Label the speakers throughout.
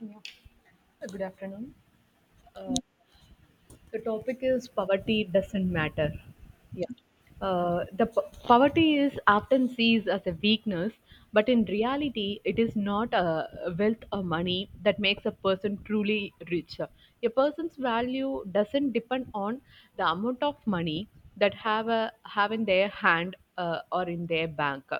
Speaker 1: Yeah. Good afternoon. The topic is poverty doesn't matter. Yeah. Poverty is often seen as a weakness, but in reality, it is not a wealth or money that makes a person truly rich. A person's value doesn't depend on the amount of money that have in their hand, or in their bank.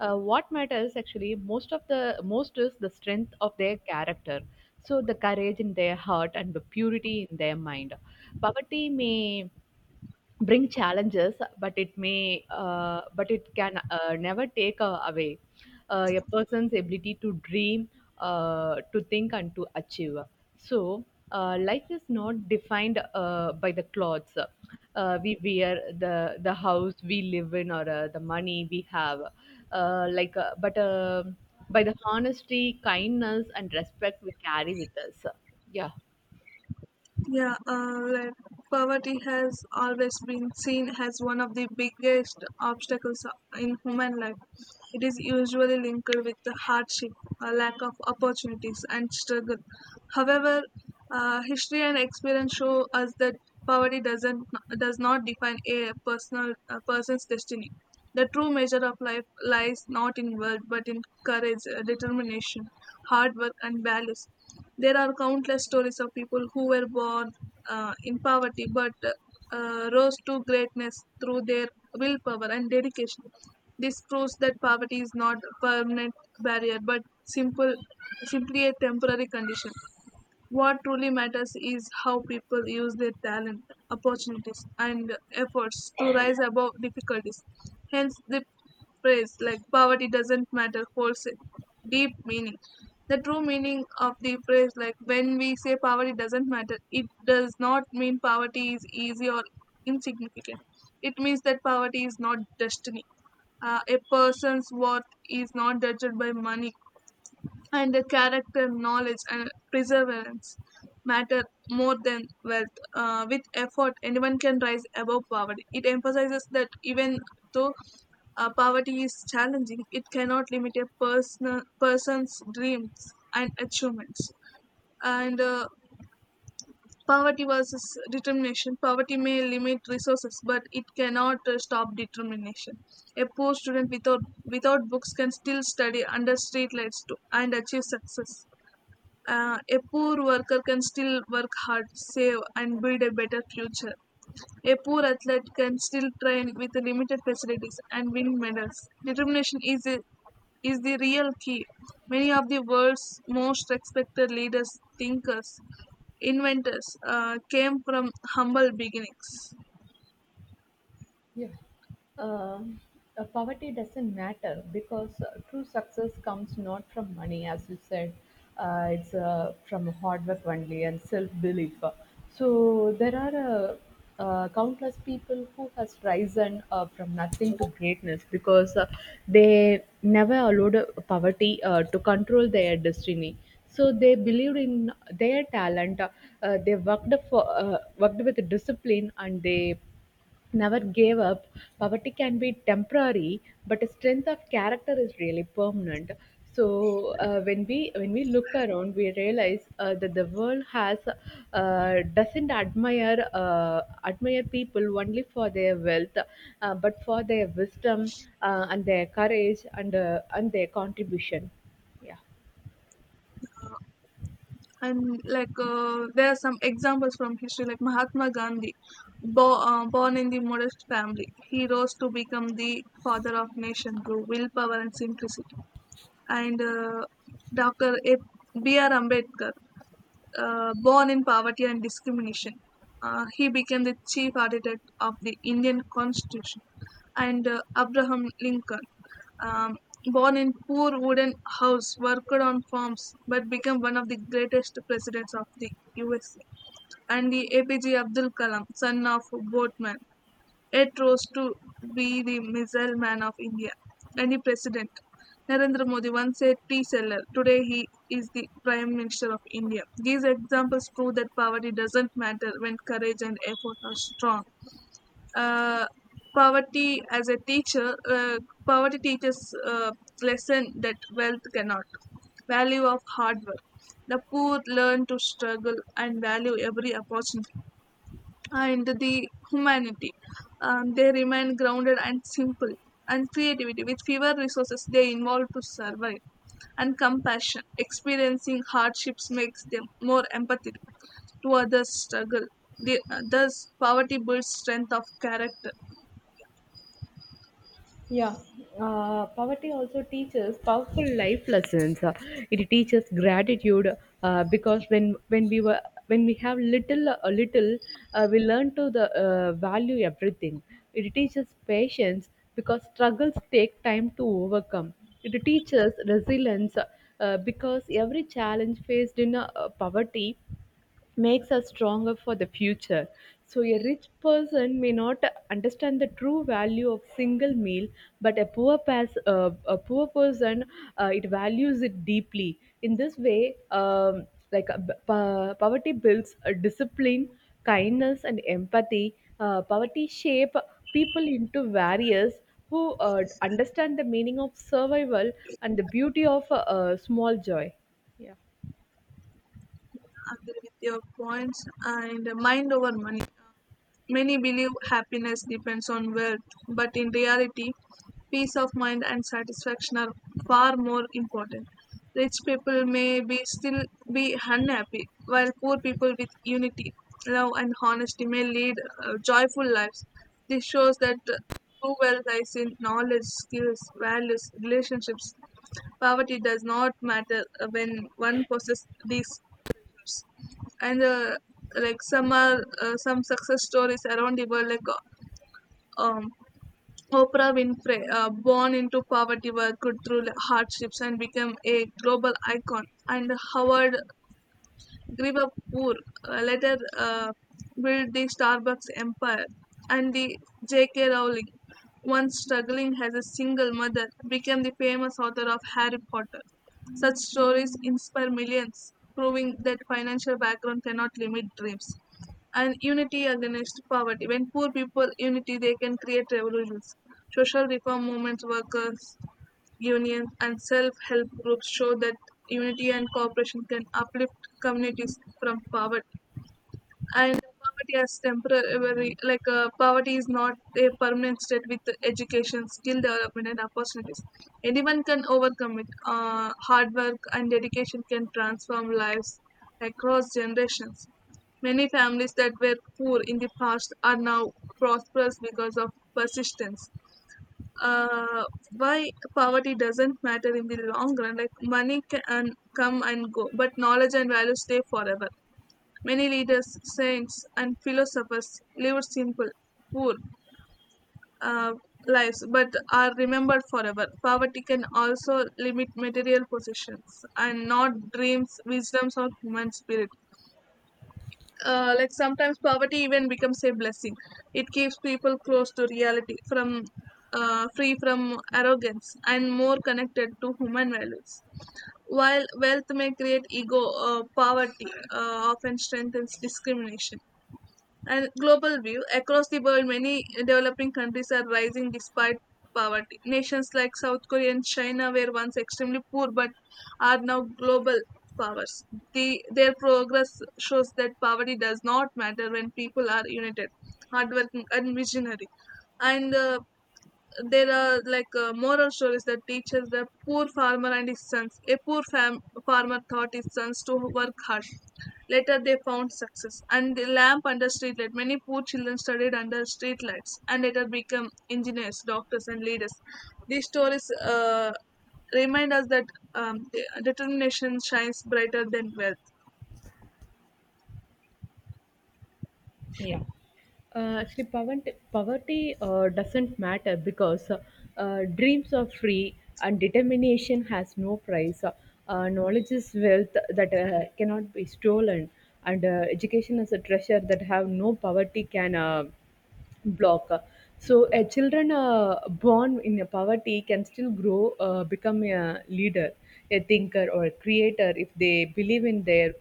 Speaker 1: What matters actually most of the most is the strength of their character. So the courage in their heart and the purity in their mind. Poverty may bring challenges, but it may but it can never take away a person's ability to dream, to think, and to achieve. So life is not defined by the clothes we wear, the house we live in, or the money we have, but by the honesty, kindness, and respect we carry with us. Yeah.
Speaker 2: Yeah, poverty has always been seen as one of the biggest obstacles in human life. It is usually linked with the hardship, a lack of opportunities, and struggle. However, history and experience show us that Poverty doesn't does not define a personal a person's destiny. The true measure of life lies not in wealth but in courage, determination, hard work, and values. There are countless stories of people who were born in poverty but rose to greatness through their willpower and dedication. This proves that poverty is not a permanent barrier but simple, simply a temporary condition. What truly matters is how people use their talent, opportunities, and efforts to rise above difficulties. Hence, the phrase like poverty doesn't matter holds a deep meaning. The true meaning of the phrase, like when we say poverty doesn't matter, it does not mean poverty is easy or insignificant. It means that poverty is not destiny. A person's worth is not judged by money and the character, knowledge, and perseverance matter more than wealth. With effort, anyone can rise above poverty. It emphasizes that even though poverty is challenging, it cannot limit a person person's dreams and achievements. And poverty versus determination. Poverty may limit resources, but it cannot stop determination. A poor student without books can still study under street lights and achieve success. A poor worker can still work hard, save, and build a better future. A poor athlete can still train with limited facilities and win medals. Determination is a, is the real key. Many of the world's most respected leaders, thinkers, inventors came from humble beginnings.
Speaker 1: Yeah. Um, Poverty doesn't matter because true success comes not from money, as you said. It's from hard work only and self-belief. So there are Countless people who has risen from nothing to greatness because they never allowed poverty to control their destiny. So they believed in their talent. They worked with discipline, and they never gave up. Poverty can be temporary, but a strength of character is really permanent. So when we look around, we realize that the world has doesn't admire people only for their wealth, but for their wisdom, and their courage, and their contribution. Yeah.
Speaker 2: And there are some examples from history like Mahatma Gandhi. Born in the modest family, he rose to become the father of nation through willpower and simplicity. And dr A- B.R. Ambedkar, born in poverty and discrimination. He became the chief architect of the Indian Constitution. And Abraham Lincoln, um, born in poor wooden house, worked on farms, but became one of the greatest presidents of the USA. And the APJ Abdul Kalam, son of boatman, yet rose to be the missile man of India. And the president, Narendra Modi, once a tea seller. Today he is the prime minister of India. These examples prove that poverty doesn't matter when courage and effort are strong. Uh, poverty as a teacher. Poverty teaches uh, lesson that wealth cannot. Value of hard work. The poor learn to struggle and value every opportunity, and the humanity. They remain grounded and simple, and creativity with fewer resources they involve to survive, and compassion experiencing hardships makes them more empathetic to others struggle. Thus poverty builds strength of character.
Speaker 1: Yeah, poverty also teaches powerful life lessons. It teaches gratitude because when we have little, we learn to the value everything. It teaches patience because struggles take time to overcome. It teaches resilience because every challenge faced in poverty makes us stronger for the future. So, a rich person may not understand the true value of single meal, but a poor person, it values it deeply. In this way, poverty builds a discipline, kindness, and empathy. Poverty shape people into warriors who understand the meaning of survival and the beauty of small joy. Yeah.
Speaker 2: Agree with your points, and mind over money. Many believe happiness depends on wealth, but in reality, peace of mind and satisfaction are far more important. Rich people may be unhappy, while poor people with unity, love, and honesty may lead joyful lives. This shows that true wealth lies in knowledge, skills, values, relationships. Poverty does not matter when one possesses these. And some success stories around the world, um, Oprah Winfrey, born into poverty, worked through hardships and became a global icon. And Howard grew up poor, later built the Starbucks empire. And the J.K. Rowling, once struggling as a single mother, became the famous author of Harry Potter. Such stories inspire millions, proving that financial background cannot limit dreams. And unity against poverty. When poor people unity, they can create revolutions. Social reform movements, workers, unions, and self-help groups show that unity and cooperation can uplift communities from poverty. And poverty as temporary. Poverty is not a permanent state with education, skill development, and opportunities. Anyone can overcome it. Hard work and dedication can transform lives across generations. Many families that were poor in the past are now prosperous because of persistence. uh, why poverty doesn't matter in the long run. Like money can come and go, but knowledge and values stay forever. Many leaders, saints, and philosophers lived simple, poor uh, lives, but are remembered forever. Poverty can also limit material possessions and not dreams, wisdoms, or human spirit. Sometimes poverty even becomes a blessing. It keeps people close to reality, from free from arrogance and more connected to human values, while wealth may create ego. Poverty often strengthens discrimination. And global view across the world, many developing countries are rising despite poverty. Nations like South Korea and China were once extremely poor but are now global powers. Their progress shows that poverty does not matter when people are united, hardworking, and visionary. And there are moral stories that teaches the poor farmer and his sons. A farmer taught his sons to work hard. Later, they found success. And the lamp under street light. Many poor children studied under street lights and later become engineers, doctors, and leaders. These stories remind us that um, determination shines brighter than wealth.
Speaker 1: Yeah. Actually, poverty doesn't matter because dreams are free and determination has no price. Knowledge is wealth that cannot be stolen, and education is a treasure that have no poverty can. Block. So, a children born in a poverty can still grow, become a leader, a thinker, or a creator if they believe in their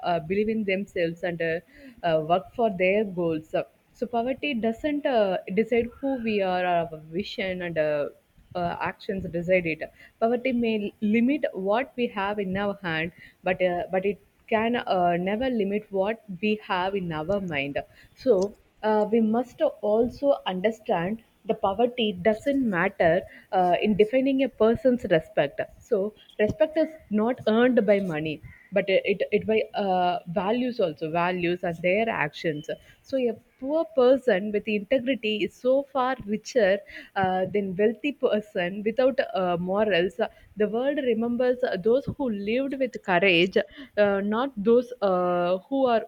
Speaker 1: believe in themselves and work for their goals. So poverty doesn't decide who we are; our vision and actions decide it. Poverty may limit what we have in our hand, but it can never limit what we have in our mind. So we must also understand the poverty doesn't matter in defining a person's respect. So respect is not earned by money, but it by values also values and their actions. So a poor person with integrity is so far richer than wealthy person without morals. The world remembers those who lived with courage, not those who are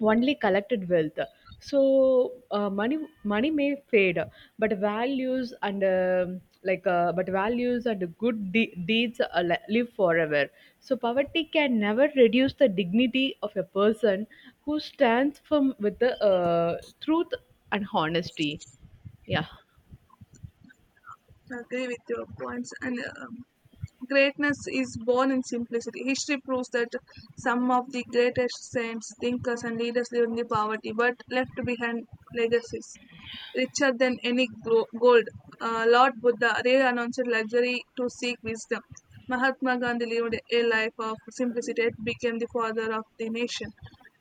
Speaker 1: only collected wealth. So money money may fade, but values and good deeds are live forever. So poverty can never reduce the dignity of a person who stands firm with the truth and honesty. Yeah.
Speaker 2: I agree with your points, and greatness is born in simplicity. History proves that some of the greatest saints, thinkers, and leaders lived in the poverty but left behind legacies richer than any gold. Lord Buddha rarely announced luxury to seek wisdom. Mahatma Gandhi lived a life of simplicity and became the father of the nation.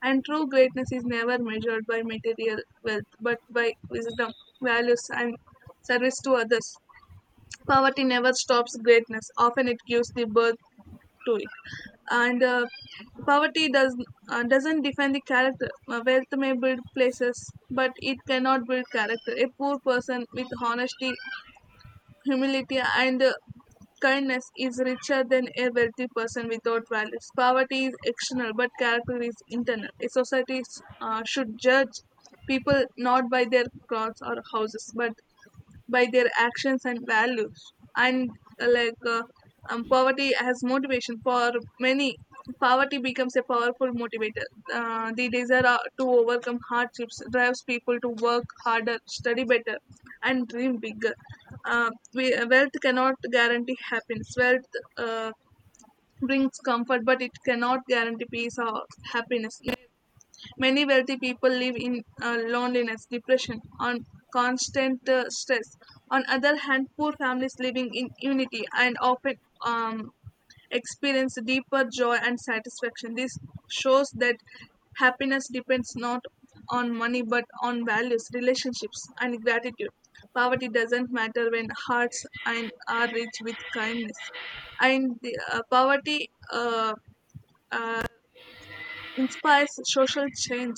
Speaker 2: And true greatness is never measured by material wealth but by wisdom, values, and service to others. Poverty never stops greatness; often it gives the birth to it. And poverty does doesn't define the character. Wealth may build places but it cannot build character. A poor person with honesty, humility, and kindness is richer than a wealthy person without values. Poverty is external but character is internal. A society should judge people not by their clothes or houses but by their actions and values. And uh, like uh, poverty as motivation for many. Poverty becomes a powerful motivator. The desire to overcome hardships drives people to work harder, study better, and dream bigger. Wealth cannot guarantee happiness. Wealth brings comfort but it cannot guarantee peace or happiness. Many wealthy people live in loneliness, depression, and constant stress. On other hand, poor families living in unity and often um, experience deeper joy and satisfaction. This shows that happiness depends not on money but on values, relationships, and gratitude. Poverty doesn't matter when hearts and are rich with kindness. Poverty uh, uh, inspires social change.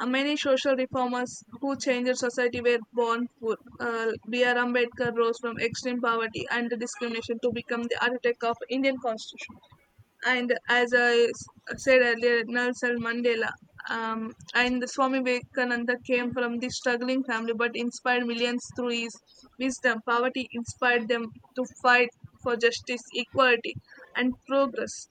Speaker 2: Many social reformers who changed society were born poor. B.R. Ambedkar rose from extreme poverty and discrimination to become the architect of Indian Constitution. And as said earlier, Nelson Mandela, and the Swami Vivekananda came from this struggling family but inspired millions through his wisdom. Poverty inspired them to fight for justice, equality, and progress.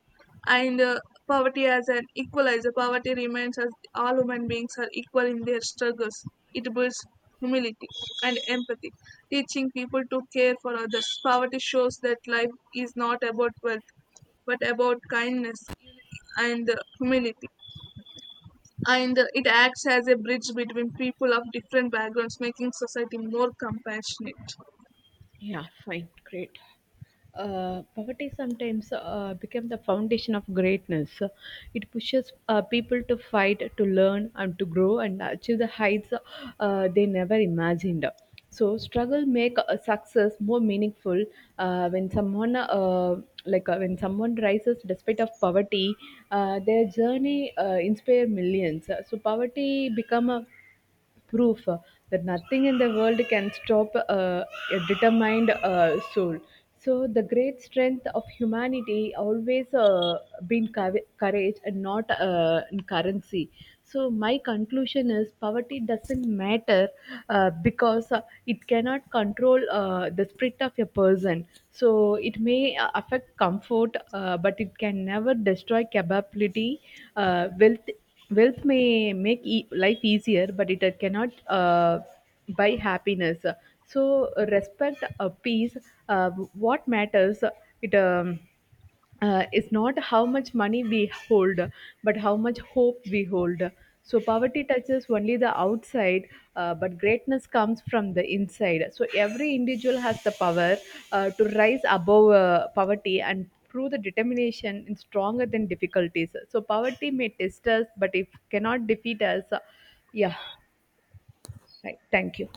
Speaker 2: And poverty as an equalizer. Poverty remains as all human beings are equal in their struggles. It builds humility and empathy, teaching people to care for others. Poverty shows that life is not about wealth but about kindness and humility. And it acts as a bridge between people of different backgrounds, making society more compassionate.
Speaker 1: Yeah, fine, great. Poverty sometimes becomes the foundation of greatness. It pushes people to fight, to learn, and to grow, and achieve the heights they never imagined. So struggle make success more meaningful. When someone rises despite of poverty, their journey inspire millions. So poverty become a proof that nothing in the world can stop a determined soul. So the great strength of humanity always been courage and not in currency. So my conclusion is poverty doesn't matter because it cannot control the spirit of a person. So it may affect comfort, but it can never destroy capability. Wealth Wealth may make life easier, but it cannot buy happiness. So, respect, peace. Uh, what matters? It is not how much money we hold, but how much hope we hold. So, poverty touches only the outside, but greatness comes from the inside. So, every individual has the power to rise above poverty and prove the determination is stronger than difficulties. So, poverty may test us, but it cannot defeat us. Yeah, right. Thank you.